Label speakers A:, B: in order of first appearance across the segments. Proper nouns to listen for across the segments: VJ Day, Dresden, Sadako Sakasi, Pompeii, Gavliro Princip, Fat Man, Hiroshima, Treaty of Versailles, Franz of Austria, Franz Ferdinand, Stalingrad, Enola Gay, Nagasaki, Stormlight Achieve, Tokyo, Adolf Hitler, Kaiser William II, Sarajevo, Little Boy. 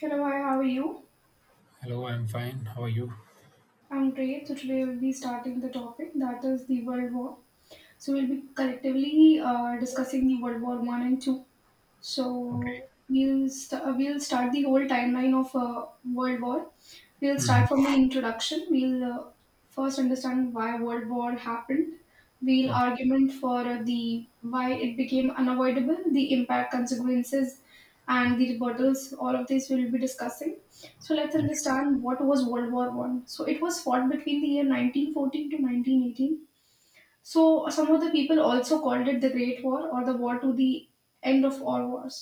A: Hello, hi, how are you?
B: Hello, I'm fine. How are you?
A: I'm great. So today we'll be starting the topic that is the World War. So we'll be collectively discussing the World War One and Two.
B: Okay.
A: So we'll start the whole timeline of World War. We'll
B: Hmm.
A: start from the introduction. We'll First understand why World War happened. We'll
B: Okay.
A: argument for the why it became unavoidable, the impact, consequences, and the rebuttals. All of this we'll be discussing. So let's
B: Yeah, sure.
A: understand what was World War One. So it was fought between the year 1914 to 1918, so some of the people also called it the Great War or the war to the end of all wars.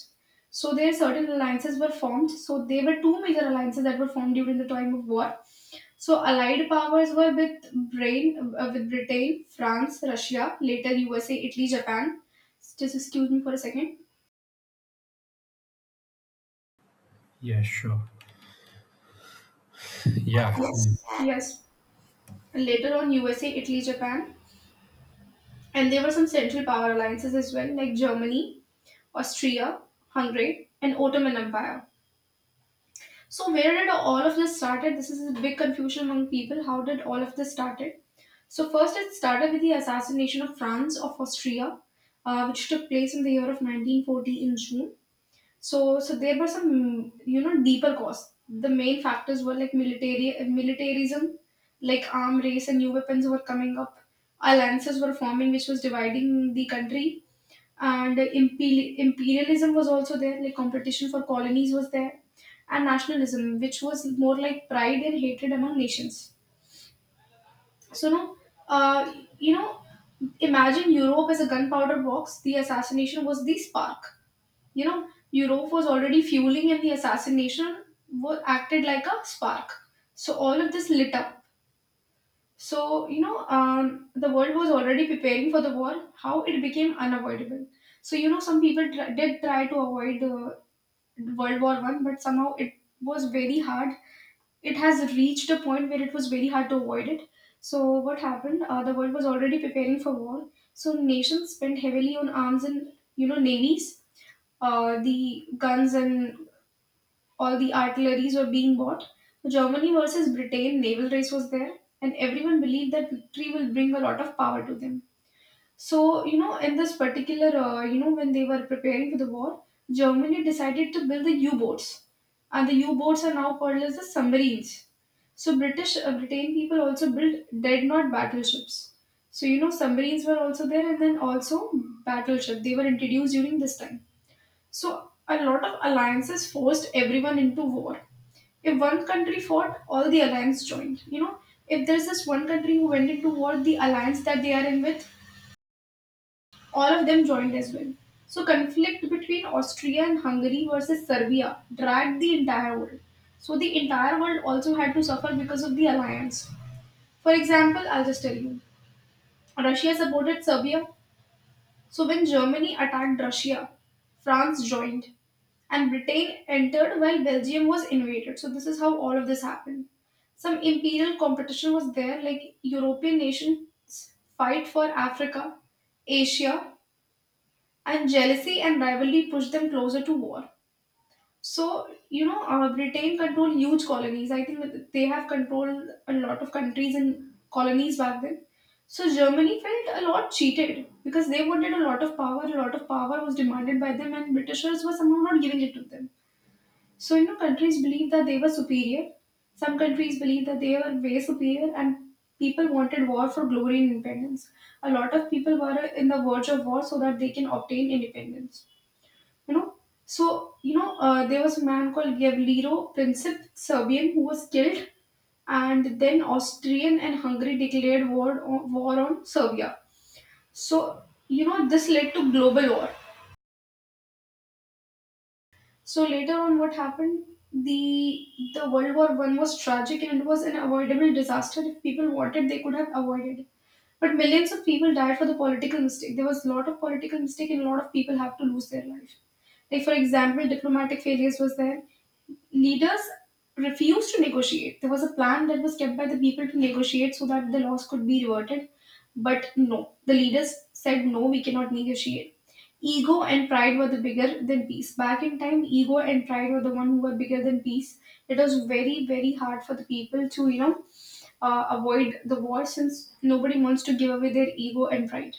A: So there certain alliances were formed. So there were two major alliances that were formed during the time of war. So allied powers were with Britain, France, Russia, later USA, Italy, Japan. Just excuse me for a second.
B: Yeah, sure. Yeah.
A: Yes. And later on USA, Italy, Japan. And there were some central power alliances as well, like Germany, Austria, Hungary, and Ottoman Empire. So where did all of this started? This is a big confusion among people. How did all of this started? So first, it started with the assassination of Franz of Austria, which took place in the year of 1940 in June. So there were some you know deeper cause. The main factors were like military militarism, like arm race and new weapons were coming up. Alliances were forming, which was dividing the country and imperialism was also there, like competition for colonies was there, and nationalism, which was more like pride and hatred among nations. So now, uh, you know, imagine Europe as a gunpowder box. The assassination was the spark. You know, Europe was already fueling and the assassination was acted like a spark, so all of this lit up. So, you know, the world was already preparing for the war, how it became unavoidable. So, you know, some people did try to avoid World War One, but somehow it was very hard. It has reached a point where it was very hard to avoid it. So, what happened? The world was already preparing for war. So, nations spent heavily on arms and, you know, navies, the guns and all the artilleries were being bought. The Germany versus Britain naval race was there, and everyone believed that victory will bring a lot of power to them. So, you know, in this particular, you know, when they were preparing for the war, Germany decided to build the U-boats, and the U-boats are now called as the submarines. So, British Britain people also built dreadnought not battleships. So, you know, submarines were also there, and then also battleship. They were introduced during this time. So a lot of alliances forced everyone into war. If one country fought, all the alliance joined. You know, if there's this one country who went into war, the alliance that they are in with, all of them joined as well. So conflict between Austria and Hungary versus Serbia dragged the entire world. So the entire world also had to suffer because of the alliance. For example, I'll just tell you. Russia supported Serbia. So when Germany attacked Russia, France joined, and Britain entered while Belgium was invaded. So this is how all of this happened. Some imperial competition was there, like European nations fight for Africa, Asia, and jealousy and rivalry pushed them closer to war. So, you know, Britain controlled huge colonies. I think that they have controlled a lot of countries and colonies back then. So, Germany felt a lot cheated because they wanted a lot of power. A lot of power was demanded by them, and Britishers were somehow not giving it to them. So, you know, countries believed that they were superior. Some countries believed that they were way superior, and people wanted war for glory and independence. A lot of people were in the verge of war so that they can obtain independence, you know. So, you know, there was a man called Gavliro Princip Serbian who was killed, and then Austrian and Hungary declared war on Serbia. So, you know, this led to global war. So later on what happened, the the World War One was tragic and it was an avoidable disaster. If people wanted they could have avoided. But millions of people died for the political mistake. There was a lot of political mistake, and a lot of people have to lose their life. Like for example, diplomatic failures was there. Leaders refused to negotiate. There was a plan that was kept by the people to negotiate so that the loss could be reverted. But no, the leaders said no, we cannot negotiate. Ego and pride were the bigger than peace. Back in time, ego and pride were the one who were bigger than peace. It was very, very hard for the people to, you know, avoid the war since nobody wants to give away their ego and pride.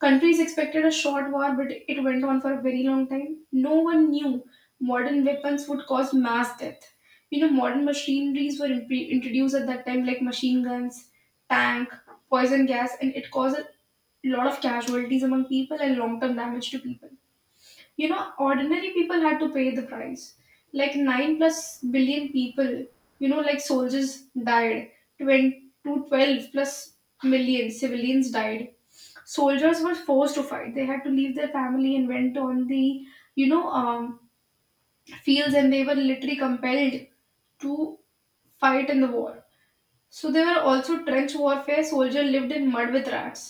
A: Countries expected a short war, but it went on for a very long time. No one knew modern weapons would cause mass death. You know, modern machineries were introduced at that time, like machine guns, tank, poison gas, and it caused a lot of casualties among people and long term damage to people. You know, ordinary people had to pay the price, like 9 plus billion people, you know, like soldiers died. 20 to 12 plus million civilians died. Soldiers were forced to fight. They had to leave their family and went on the, you know, fields, and they were literally compelled to fight in the war. So there were also trench warfare, soldier lived in mud with rats.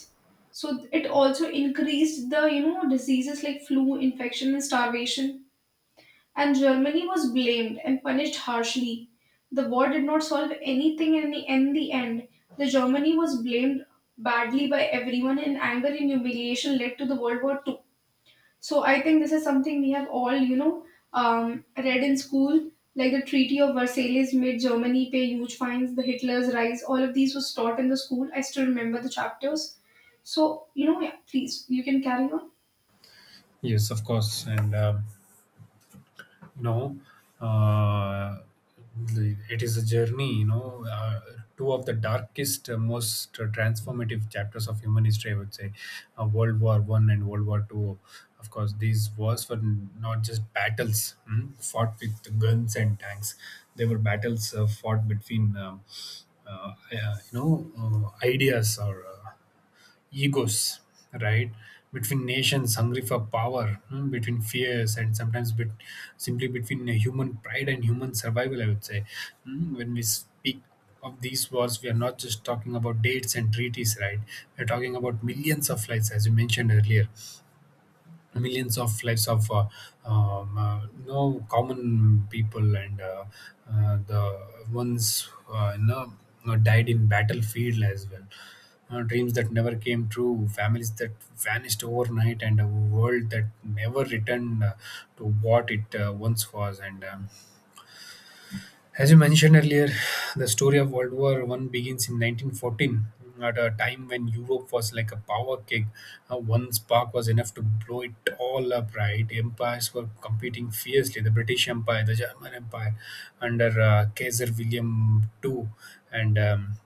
A: So it also increased the, you know, diseases like flu infection and starvation. And Germany was blamed and punished harshly. The war did not solve anything in the end. The Germany was blamed badly by everyone, and anger and humiliation led to the World War II. So I think this is something we have all, you know, read in school, like the Treaty of Versailles made Germany pay huge fines, the Hitler's rise. All of these was taught in the school. I still remember the chapters. So you know, yeah, please you can carry on.
B: Yes, of course. And you know, uh, the- It is a journey. Two of the darkest, most transformative chapters of human history, I would say, World War One and World War Two. Of course, these wars were not just battles fought with guns and tanks. They were battles fought between. You know ideas or egos, right? Between nations hungry for power, hmm, between fears, and sometimes simply between human pride and human survival, I would say. Hmm. When we speak of these wars, we are not just talking about dates and treaties, right? We're talking about millions of lives, as you mentioned earlier, millions of lives of no common people and the ones died in battlefield as well. Dreams that never came true, families that vanished overnight, and a world that never returned to what it once was. And As you mentioned earlier, the story of World War One begins in 1914, at a time when Europe was like a power keg. One spark was enough to blow it all up, right? Empires were competing fiercely: the British Empire, the German Empire, under Kaiser William II, and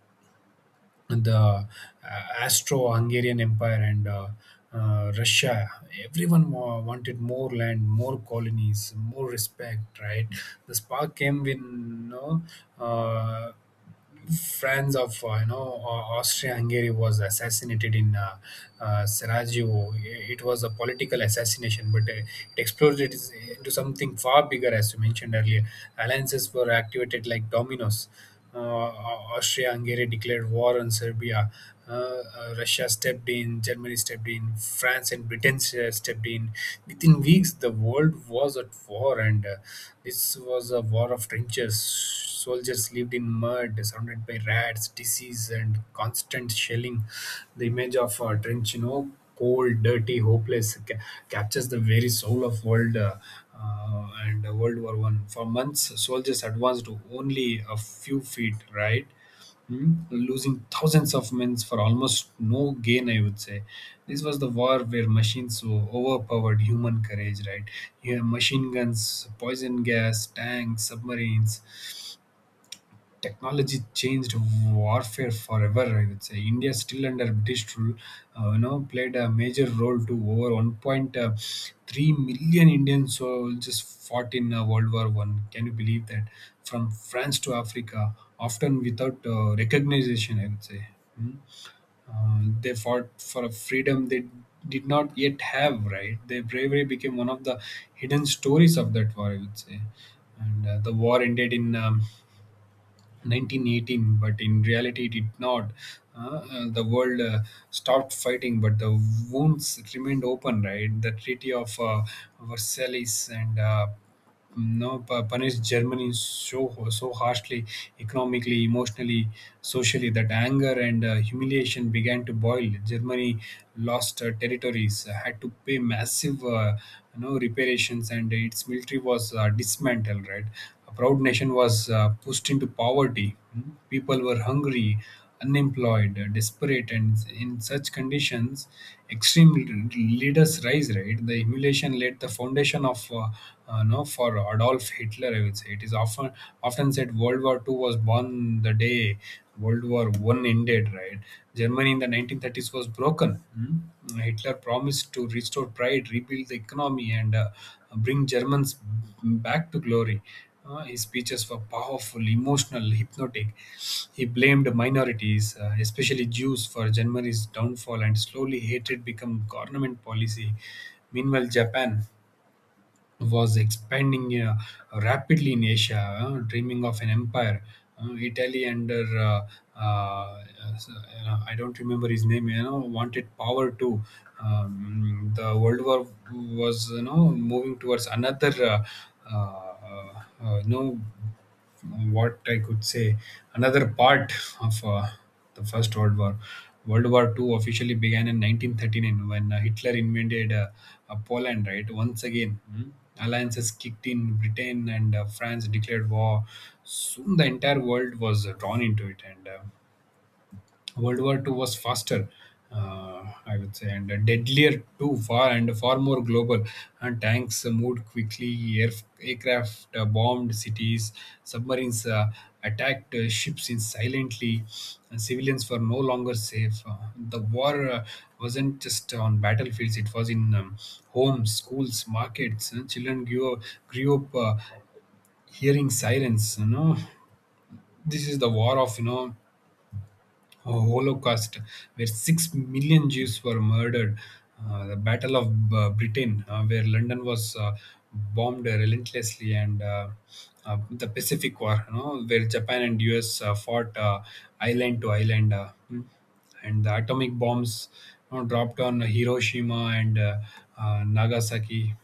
B: the Astro-Hungarian Empire and Russia. Everyone wanted more land, more colonies, more respect, right? The spark came when, uh, Franz of, Austria-Hungary, was assassinated in Sarajevo. It was a political assassination, but it exploded into something far bigger, as you mentioned earlier. Alliances were activated like dominoes. Uh, Austria-Hungary declared war on Serbia. Russia stepped in, Germany stepped in, France and Britain stepped in. Within weeks, the world was at war, and this was a war of trenches. Soldiers lived in mud, surrounded by rats, disease, and constant shelling. The image of a trench, you know, cold, dirty, hopeless, captures the very soul of World War One. For months, soldiers advanced to only a few feet, right? Hmm? Losing thousands of men for almost no gain, I would say. This was the war where machines overpowered human courage, right? You have machine guns, poison gas, tanks, submarines. Technology changed warfare forever, I would say. India, still under British rule, played a major role, to over 1.3 million Indian soldiers fought in World War 1, can you believe that, from France to Africa, often without recognition, I would say. Hmm. They fought for a freedom they did not yet have, right? Their bravery became one of the hidden stories of that war, I would say. And The war ended in 1918, but in reality it did not. The world stopped fighting, but the wounds remained open. Right, the Treaty of Versailles and no pu- punished Germany so harshly economically, emotionally, socially, that anger and humiliation began to boil. Germany lost territories, had to pay massive, reparations, and its military was dismantled. Right, a proud nation was pushed into poverty. Mm. People were hungry, unemployed, desperate, and in such conditions extreme leaders rise. Right, the humiliation laid the foundation of no for Adolf Hitler, I would say. It is often said World War Two was born the day World War One ended. Right, Germany in the 1930s was broken. Mm. Hitler promised to restore pride, rebuild the economy, and bring Germans back to glory. His speeches were powerful, emotional, hypnotic. He blamed minorities, especially Jews, for Germany's downfall, and slowly hatred became government policy. Meanwhile, Japan was expanding rapidly in Asia, dreaming of an empire. Italy under uh, I don't remember his name, you know, wanted power too. The World War was, you know, moving towards another uh, no what I could say, another part of the First World War. World War Two officially began in 1939 when Hitler invaded Poland, right? Once again, mm, alliances kicked in. Britain and France declared war. Soon the entire world was drawn into it, and World War Two was faster, I would say, and a deadlier too, far and far more global. And tanks moved quickly, aircraft bombed cities, submarines attacked ships in silently, and civilians were no longer safe. The war wasn't just on battlefields, it was in homes, schools, markets, and grew up hearing sirens, you know. This is the war of, you know, a Holocaust, where 6 million Jews were murdered, the Battle of Britain, where London was bombed relentlessly, and the Pacific War, you know, where Japan and US fought island to island, and the atomic bombs, you know, dropped on Hiroshima and Nagasaki,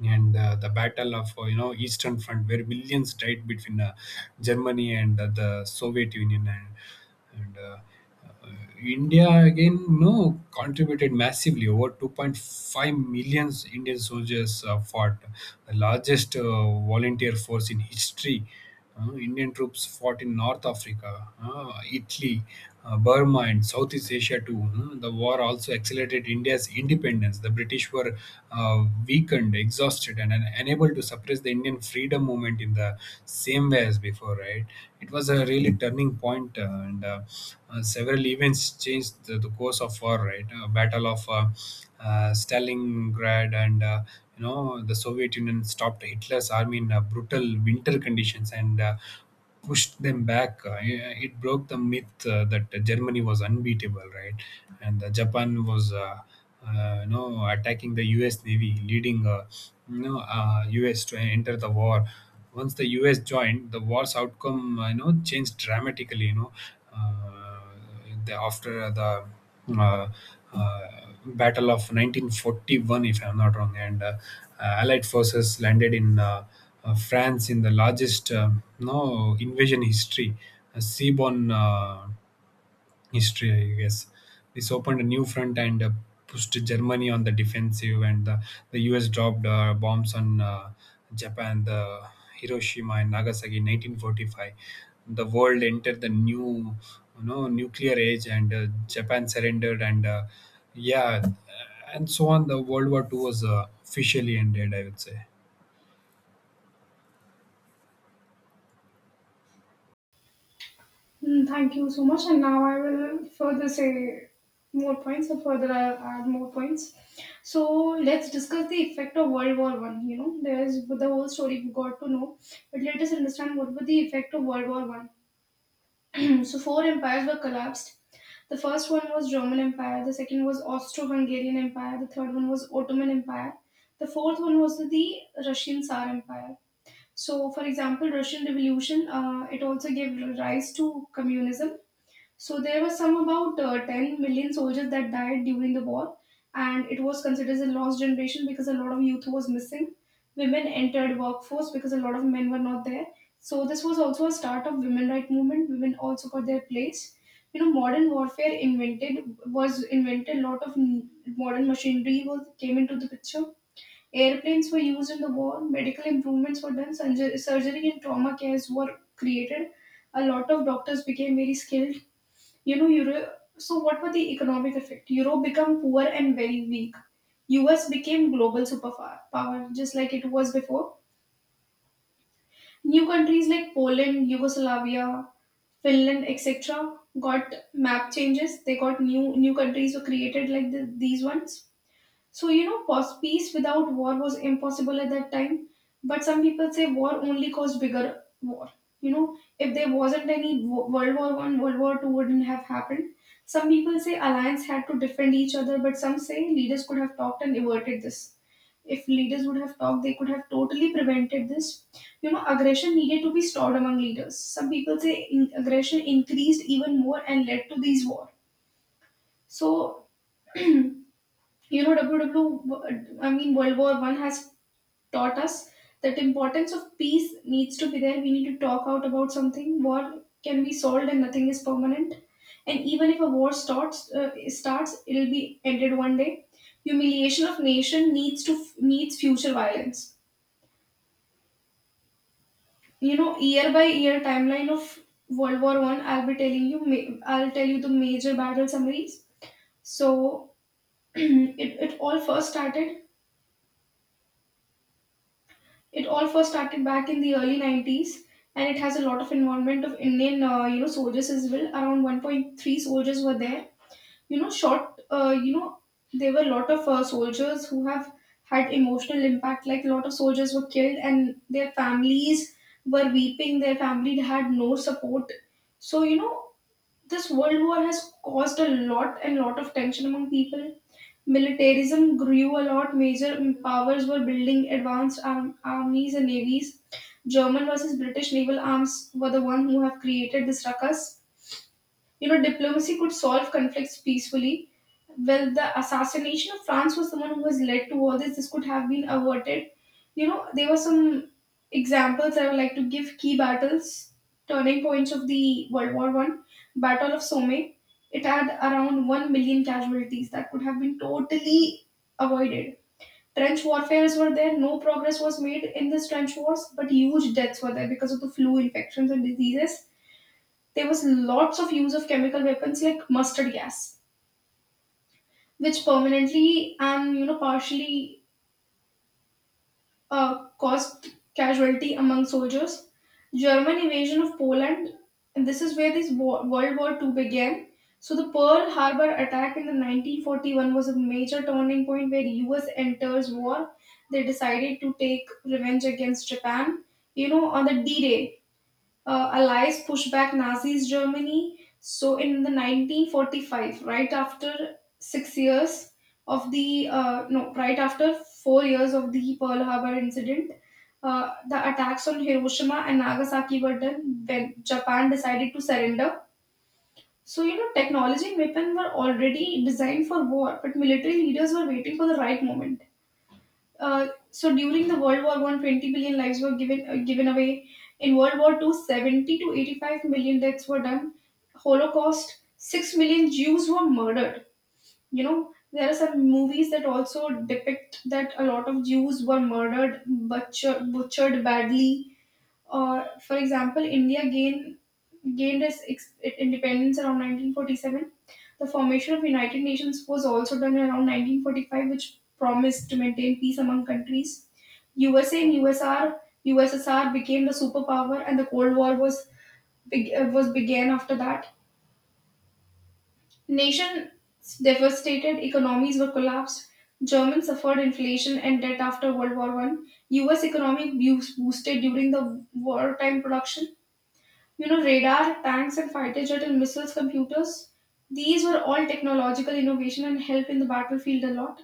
B: and the Battle of, Eastern Front, where millions died between Germany and the Soviet Union. And, and uh, uh, India again, no contributed massively. Over 2.5 million Indian soldiers fought, the largest volunteer force in history. Uh, Indian troops fought in North Africa, Italy, Burma, and Southeast Asia too. Hmm. The war also accelerated India's independence. The British were weakened, exhausted, and unable to suppress the Indian freedom movement in the same way as before, right? It was a really turning point, and several events changed the course of war, right? Battle of Stalingrad, and the Soviet Union stopped Hitler's army in brutal winter conditions and pushed them back. It broke the myth that Germany was unbeatable, right? And Japan was, attacking the U.S. Navy, leading, U.S. to enter the war. Once the U.S. joined, the war's outcome, changed dramatically, you know. Uh, after the uh, uh, Battle of 1941, if I'm not wrong, and Allied forces landed in France in the largest no invasion history. Seaborn history, I guess. This opened a new front and pushed Germany on the defensive, and the US dropped bombs on Japan, the Hiroshima and Nagasaki, in 1945. The world entered the new, you know, nuclear age, and Japan surrendered, and yeah, and so on. The World War Two was officially ended, I would say.
A: Mm, thank you so much. And now I will further say more points or further I'll add more points. So let's discuss the effect of World War One. You know, there is the whole story we got to know, but let us understand what was the effect of World War One. So four empires were collapsed. The first one was Roman Empire, the second was Austro-Hungarian Empire, the third one was Ottoman Empire, the fourth one was the Russian Tsar Empire. So, for example, Russian Revolution, it also gave rise to communism. So there were some about 10 million soldiers that died during the war, and it was considered as a lost generation because a lot of youth was missing. Women entered workforce because a lot of men were not there. So this was also a start of women right movement. Women also got their place. You know, modern warfare invented was invented. A lot of modern machinery was came into the picture. Airplanes were used in the war. Medical improvements were done. Surgery and trauma cares were created. A lot of doctors became very skilled, you know, Euro. So, what were the economic effect? Europe became poor and very weak. US became global superpower, just like it was before. New countries like Poland, Yugoslavia, Finland, etc., got map changes. They got new, countries were created like these ones. So, you know, peace without war was impossible at that time. But some people say war only caused bigger war. You know, if there wasn't any World War One, World War Two wouldn't have happened. Some people say alliance had to defend each other, but some say leaders could have talked and averted this. If leaders would have talked, they could have totally prevented this. You know, aggression needed to be stopped among leaders. Some people say aggression increased even more and led to these war. So, you know, WW, I mean, World War One has taught us that importance of peace needs to be there. We need to talk out about something. War can be solved and nothing is permanent. And even if a war starts it'll be ended one day. Humiliation of nation needs to needs future violence. You know, year by year timeline of world war 1, I'll tell you the major battle summaries. So it, it all first started It all first started back in the early 90s, and it has a lot of involvement of Indian, soldiers as well. Around 1.3 soldiers were there. You know, short, uh, you know, there were a lot of soldiers who have had emotional impact. Like a lot of soldiers were killed, and their families were weeping. Their family had no support. So, you know, this world war has caused a lot and lot of tension among people. Militarism grew a lot. Major powers were building advanced armies and navies. German versus British naval arms were the one who have created this ruckus. You know, diplomacy could solve conflicts peacefully. Well, the assassination of France was someone who was led to all this. This could have been averted. You know, there were some examples I would like to give key battles, turning points of the World War One. Battle of Somme. It had around 1 million casualties that could have been totally avoided. Trench warfares were there, no progress was made in this trench wars, but huge deaths were there because of the flu infections and diseases. There was lots of use of chemical weapons like mustard gas which permanently and, you know, partially caused casualty among soldiers. German invasion of Poland, and this is where this war, World War Two, began. So the Pearl Harbor attack in the 1941 was a major turning point where US enters war. They decided to take revenge against Japan. You know, on the D-Day, allies pushed back Nazi's Germany. So in the 1945, right after 6 years of the no, right after 4 years of the Pearl Harbor incident, the attacks on Hiroshima and Nagasaki were done when Japan decided to surrender. So, you know, technology and weapon were already designed for war, but military leaders were waiting for the right moment. So during the World War One, 20 million lives were given away. In World War Two, 70 to 85 million deaths were done. Holocaust, 6 million Jews were murdered. You know, there are some movies that also depict that a lot of Jews were butchered badly. Or, for example, India gained its independence around 1947. The formation of United Nations was also done around 1945, which promised to maintain peace among countries. USA and USSR became the superpower, and the Cold War was began after that. Nations devastated, economies were collapsed. Germany suffered inflation and debt after World War One. U.S. economic boosted during the wartime production. You know, radar, tanks, and fighter jet and missiles, computers, these were all technological innovation and help in the battlefield a lot.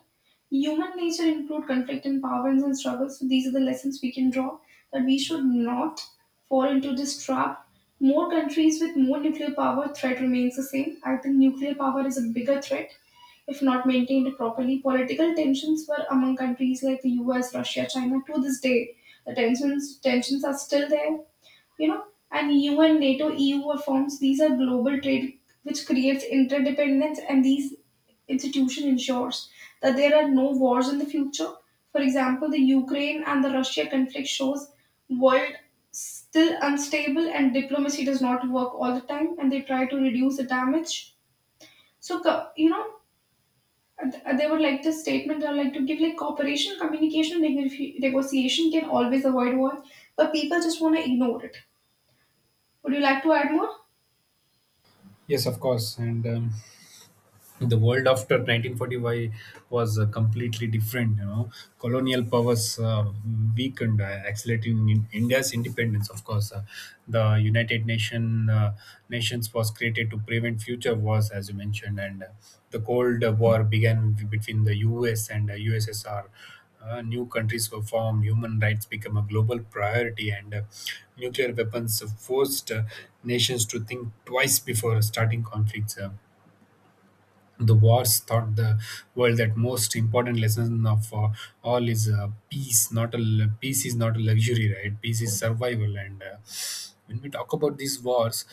A: Human nature include conflict and power and struggles. So these are the lessons we can draw that we should not fall into this trap. More countries with more nuclear power threat remains the same. I think nuclear power is a bigger threat if not maintained properly. Political tensions were among countries like the US, Russia, China to this day. The tensions are still there. You know, and EU and NATO, EU are forms, these are global trade which creates interdependence and these institution ensures that there are no wars in the future. For example, the Ukraine and the Russia conflict shows world still unstable and diplomacy does not work all the time and they try to reduce the damage. So co- you know th- uh, they would like the statement or like to give like cooperation, communication, negotiation can always avoid war. But people just want to ignore it. Would you like to add more?
B: Yes, of course, and. The world after 1945 was completely different, you know. Colonial powers weakened, accelerating in india's independence. Of course, the United Nations was created to prevent future wars, as you mentioned, and the Cold War began between the US and USSR. Uh, new countries were formed, human rights became a global priority, and nuclear weapons forced nations to think twice before starting conflicts. The wars taught the world that most important lesson of all is peace. Not a l- Peace is not a luxury, right? Peace is survival. And when we talk about these wars,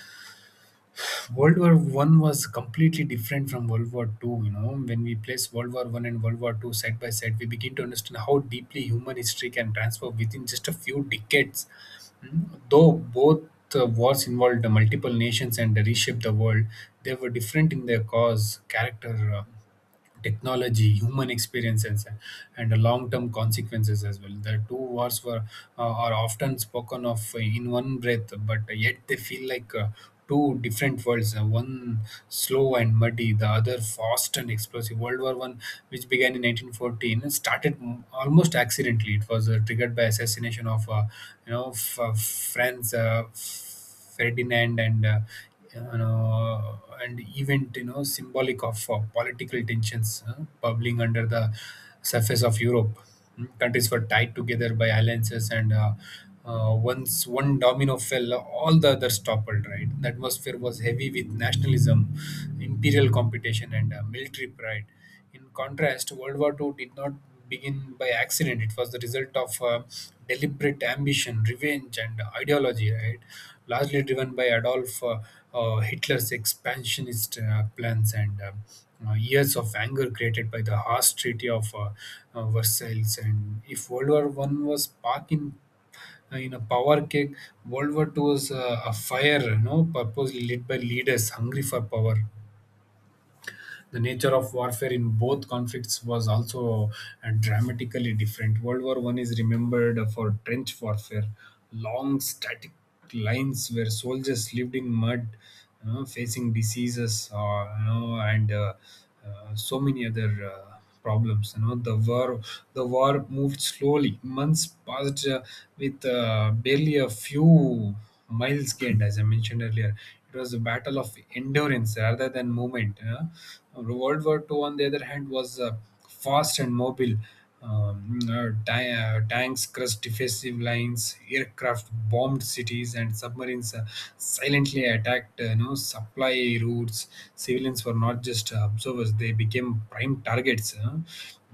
B: World War One was completely different from World War Two. You know, when we place World War One and World War Two side by side, we begin to understand how deeply human history can transform within just a few decades. Mm. Though both wars involved multiple nations and reshaped the world, they were different in their cause, character, technology, human experiences, and the long-term consequences as well. The two wars were are often spoken of in one breath, but yet they feel like two different worlds, one slow and muddy, the other fast and explosive. World War One, which began in 1914, started almost accidentally. It was triggered by assassination of Franz Ferdinand, and you know, and event, you know, symbolic of political tensions bubbling under the surface of Europe. Mm. Countries were tied together by alliances, and once one domino fell, all the others toppled. Right, the atmosphere was heavy with nationalism, imperial competition, and military pride. In contrast, World War II did not begin by accident. It was the result of deliberate ambition, revenge, and ideology, right? Largely driven by Adolf Hitler's expansionist plans and years of anger created by the harsh Treaty of Versailles. And if World War One was spark in a power cake, World War II was a fire, purposely lit by leaders hungry for power. The nature of warfare in both conflicts was also dramatically different. World War One is remembered for trench warfare, long static lines where soldiers lived in mud, facing diseases, and so many other. Problems. You know, the war moved slowly, months passed with barely a few miles gained. As I mentioned earlier, it was a battle of endurance rather than movement, you know? World War Two, on the other hand, was fast and mobile. Tanks crushed defensive lines, aircraft bombed cities, and submarines silently attacked, supply routes. Civilians were not just observers, they became prime targets. Huh?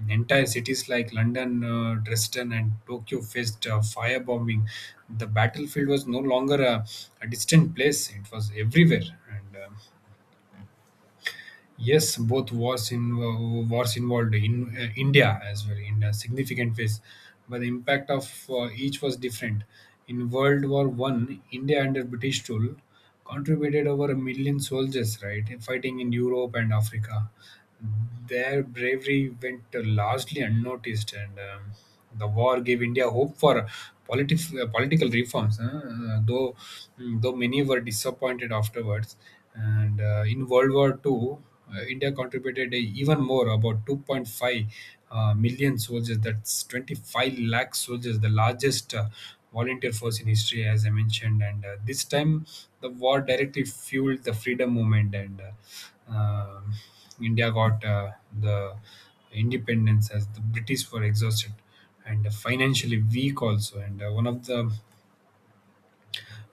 B: Entire cities like London, Dresden, and Tokyo faced firebombing. The battlefield was no longer a distant place, it was everywhere. And Yes, both wars involved in India as well in a significant ways, but the impact of each was different. In World War One, India under British rule contributed over a million soldiers, right, fighting in Europe and Africa. Their bravery went largely unnoticed, and the war gave India hope for political reforms, huh? Though many were disappointed afterwards. And in World War Two, India contributed even more, about 2.5 million soldiers. That's 25 lakh soldiers, the largest volunteer force in history, as I mentioned. And this time, the war directly fueled the freedom movement, and um India got the independence as the British were exhausted and financially weak also. And one of the,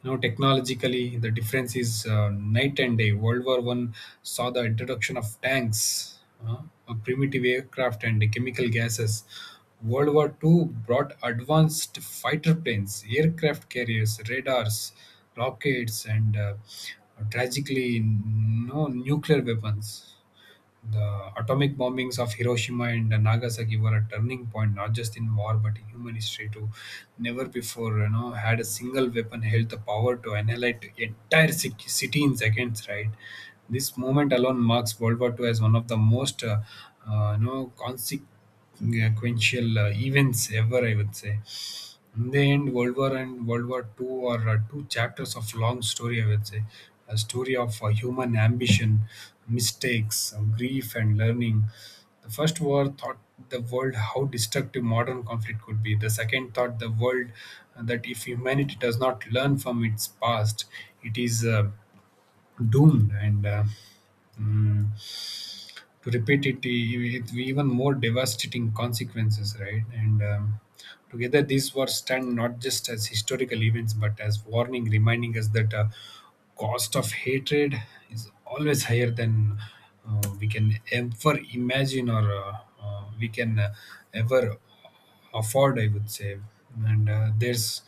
B: you know, technologically, the difference is night and day. World War One saw the introduction of tanks, uh, a primitive aircraft and chemical gases. World War Two brought advanced fighter planes, aircraft carriers, radars, rockets, and tragically no nuclear weapons. The atomic bombings of Hiroshima and Nagasaki were a turning point, not just in war but in human history too. Never before, you know, had a single weapon held the power to annihilate city in seconds. Right, this moment alone marks World War II as one of the most, consequential sequential events ever, I would say. In the end, World War and World War Two are two chapters of long story, I would say. A story of human ambition, mistakes, grief, and learning. The first war taught the world how destructive modern conflict could be. The second taught the world that if humanity does not learn from its past, it is doomed. Mm, to repeat it with even more devastating consequences, right? And Together, these wars stand not just as historical events but as warning, reminding us that cost of hatred is always higher than we can ever imagine, or we can ever afford, I would say. And there's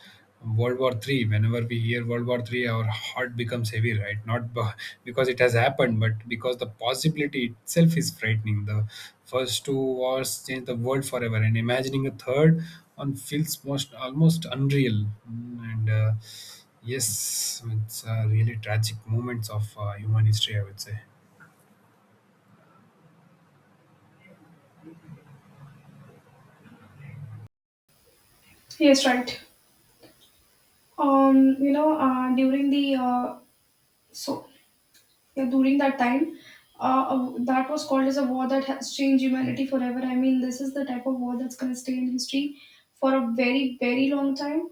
B: World War Three. Whenever we hear World War Three, our heart becomes heavy, right? Not b- Because it has happened, but because the possibility itself is frightening. The first two wars changed the world forever, and imagining a third one feels most almost unreal. Mm. And Yes, it's really tragic moments of human history, I would say.
A: Yes, right. You know, during the so yeah, during that time, that was called as a war that has changed humanity forever. I mean, this is the type of war that's going to stay in history for a very, very long time.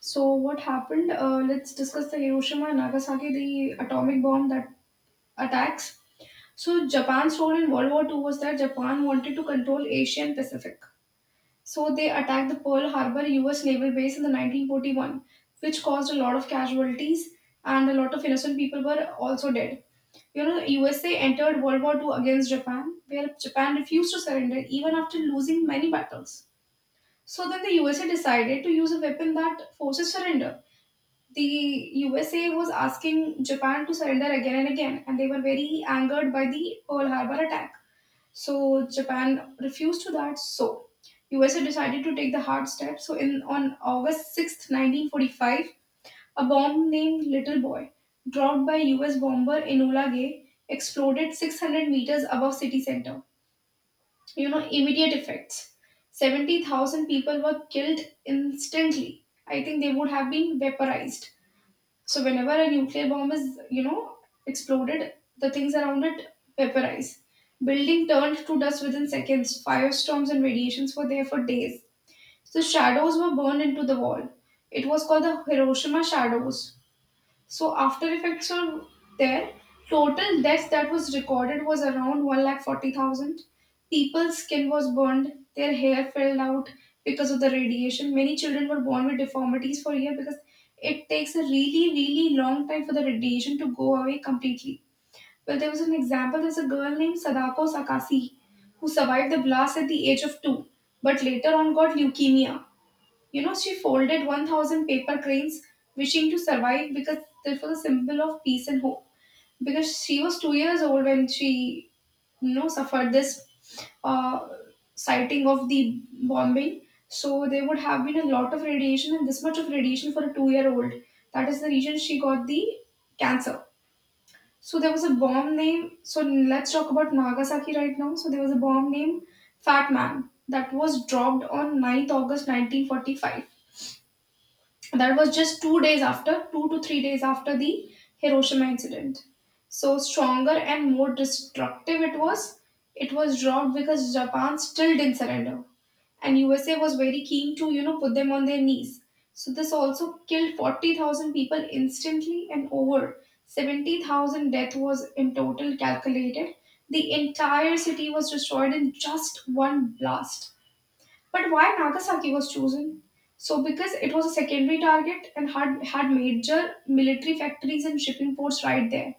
A: So, what happened? Let's discuss the Hiroshima and Nagasaki, the atomic bomb that attacks. So, Japan's role in World War Two was that Japan wanted to control Asia and Pacific. So they attacked the Pearl Harbor US naval base in the 1941, which caused a lot of casualties and a lot of innocent people were also dead. You know, the USA entered World War Two against Japan, where Japan refused to surrender even after losing many battles. So then the USA decided to use a weapon that forces surrender. The USA was asking Japan to surrender again and again, and they were very angered by the Pearl Harbor attack. So Japan refused to that. So USA decided to take the hard step. So in on August 6th, 1945, a bomb named Little Boy, dropped by US bomber Enola Gay, exploded 600 meters above city center. You know, immediate effects. 70,000 people were killed instantly. I think they would have been vaporized. So whenever a nuclear bomb is, you know, exploded, the things around it vaporize. Building turned to dust within seconds. Firestorms and radiations were there for days. So shadows were burned into the wall. It was called the Hiroshima shadows. So after effects are there, total deaths that was recorded was around 1,40,000. People's skin was burned, their hair fell out because of the radiation. Many children were born with deformities for a year because it takes a really, really long time for the radiation to go away completely. Well, there was an example, there's a girl named Sadako Sakasi who survived the blast at the age of two, but later on got leukemia. You know, she folded 1000 paper cranes, wishing to survive because it was a symbol of peace and hope. Because she was 2 years old when she, you know, suffered this uh, sighting of the bombing. So there would have been a lot of radiation, and this much of radiation for a 2 year old. That is the reason she got the cancer. So there was a bomb name. So let's talk about Nagasaki right now. So there was a bomb named Fat Man that was dropped on ninth August 1945. That was just 2 days after, 2 to 3 days after the Hiroshima incident. So, stronger and more destructive it was. It was dropped because Japan still didn't surrender. And USA was very keen to, you know, put them on their knees. So, this also killed 40,000 people instantly and over 70,000 death was in total calculated. The entire city was destroyed in just one blast. But why Nagasaki was chosen? So, because it was a secondary target and had major military factories and shipping ports right there.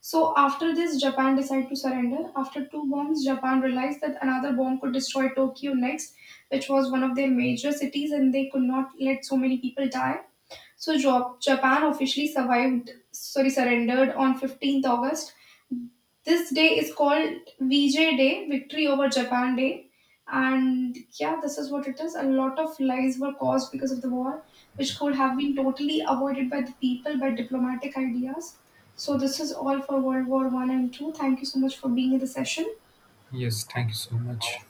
A: So, after this, Japan decided to surrender. After two bombs, Japan realized that another bomb could destroy Tokyo next, which was one of their major cities, and they could not let so many people die. So, Japan officially survived, sorry, surrendered on 15th August. This day is called VJ Day, Victory over Japan Day. And yeah, this is what it is. A lot of lies were caused because of the war, which could have been totally avoided by the people by diplomatic ideas. So this is all for World War One and Two. Thank you so much for being in the session.
B: Yes, thank you so much.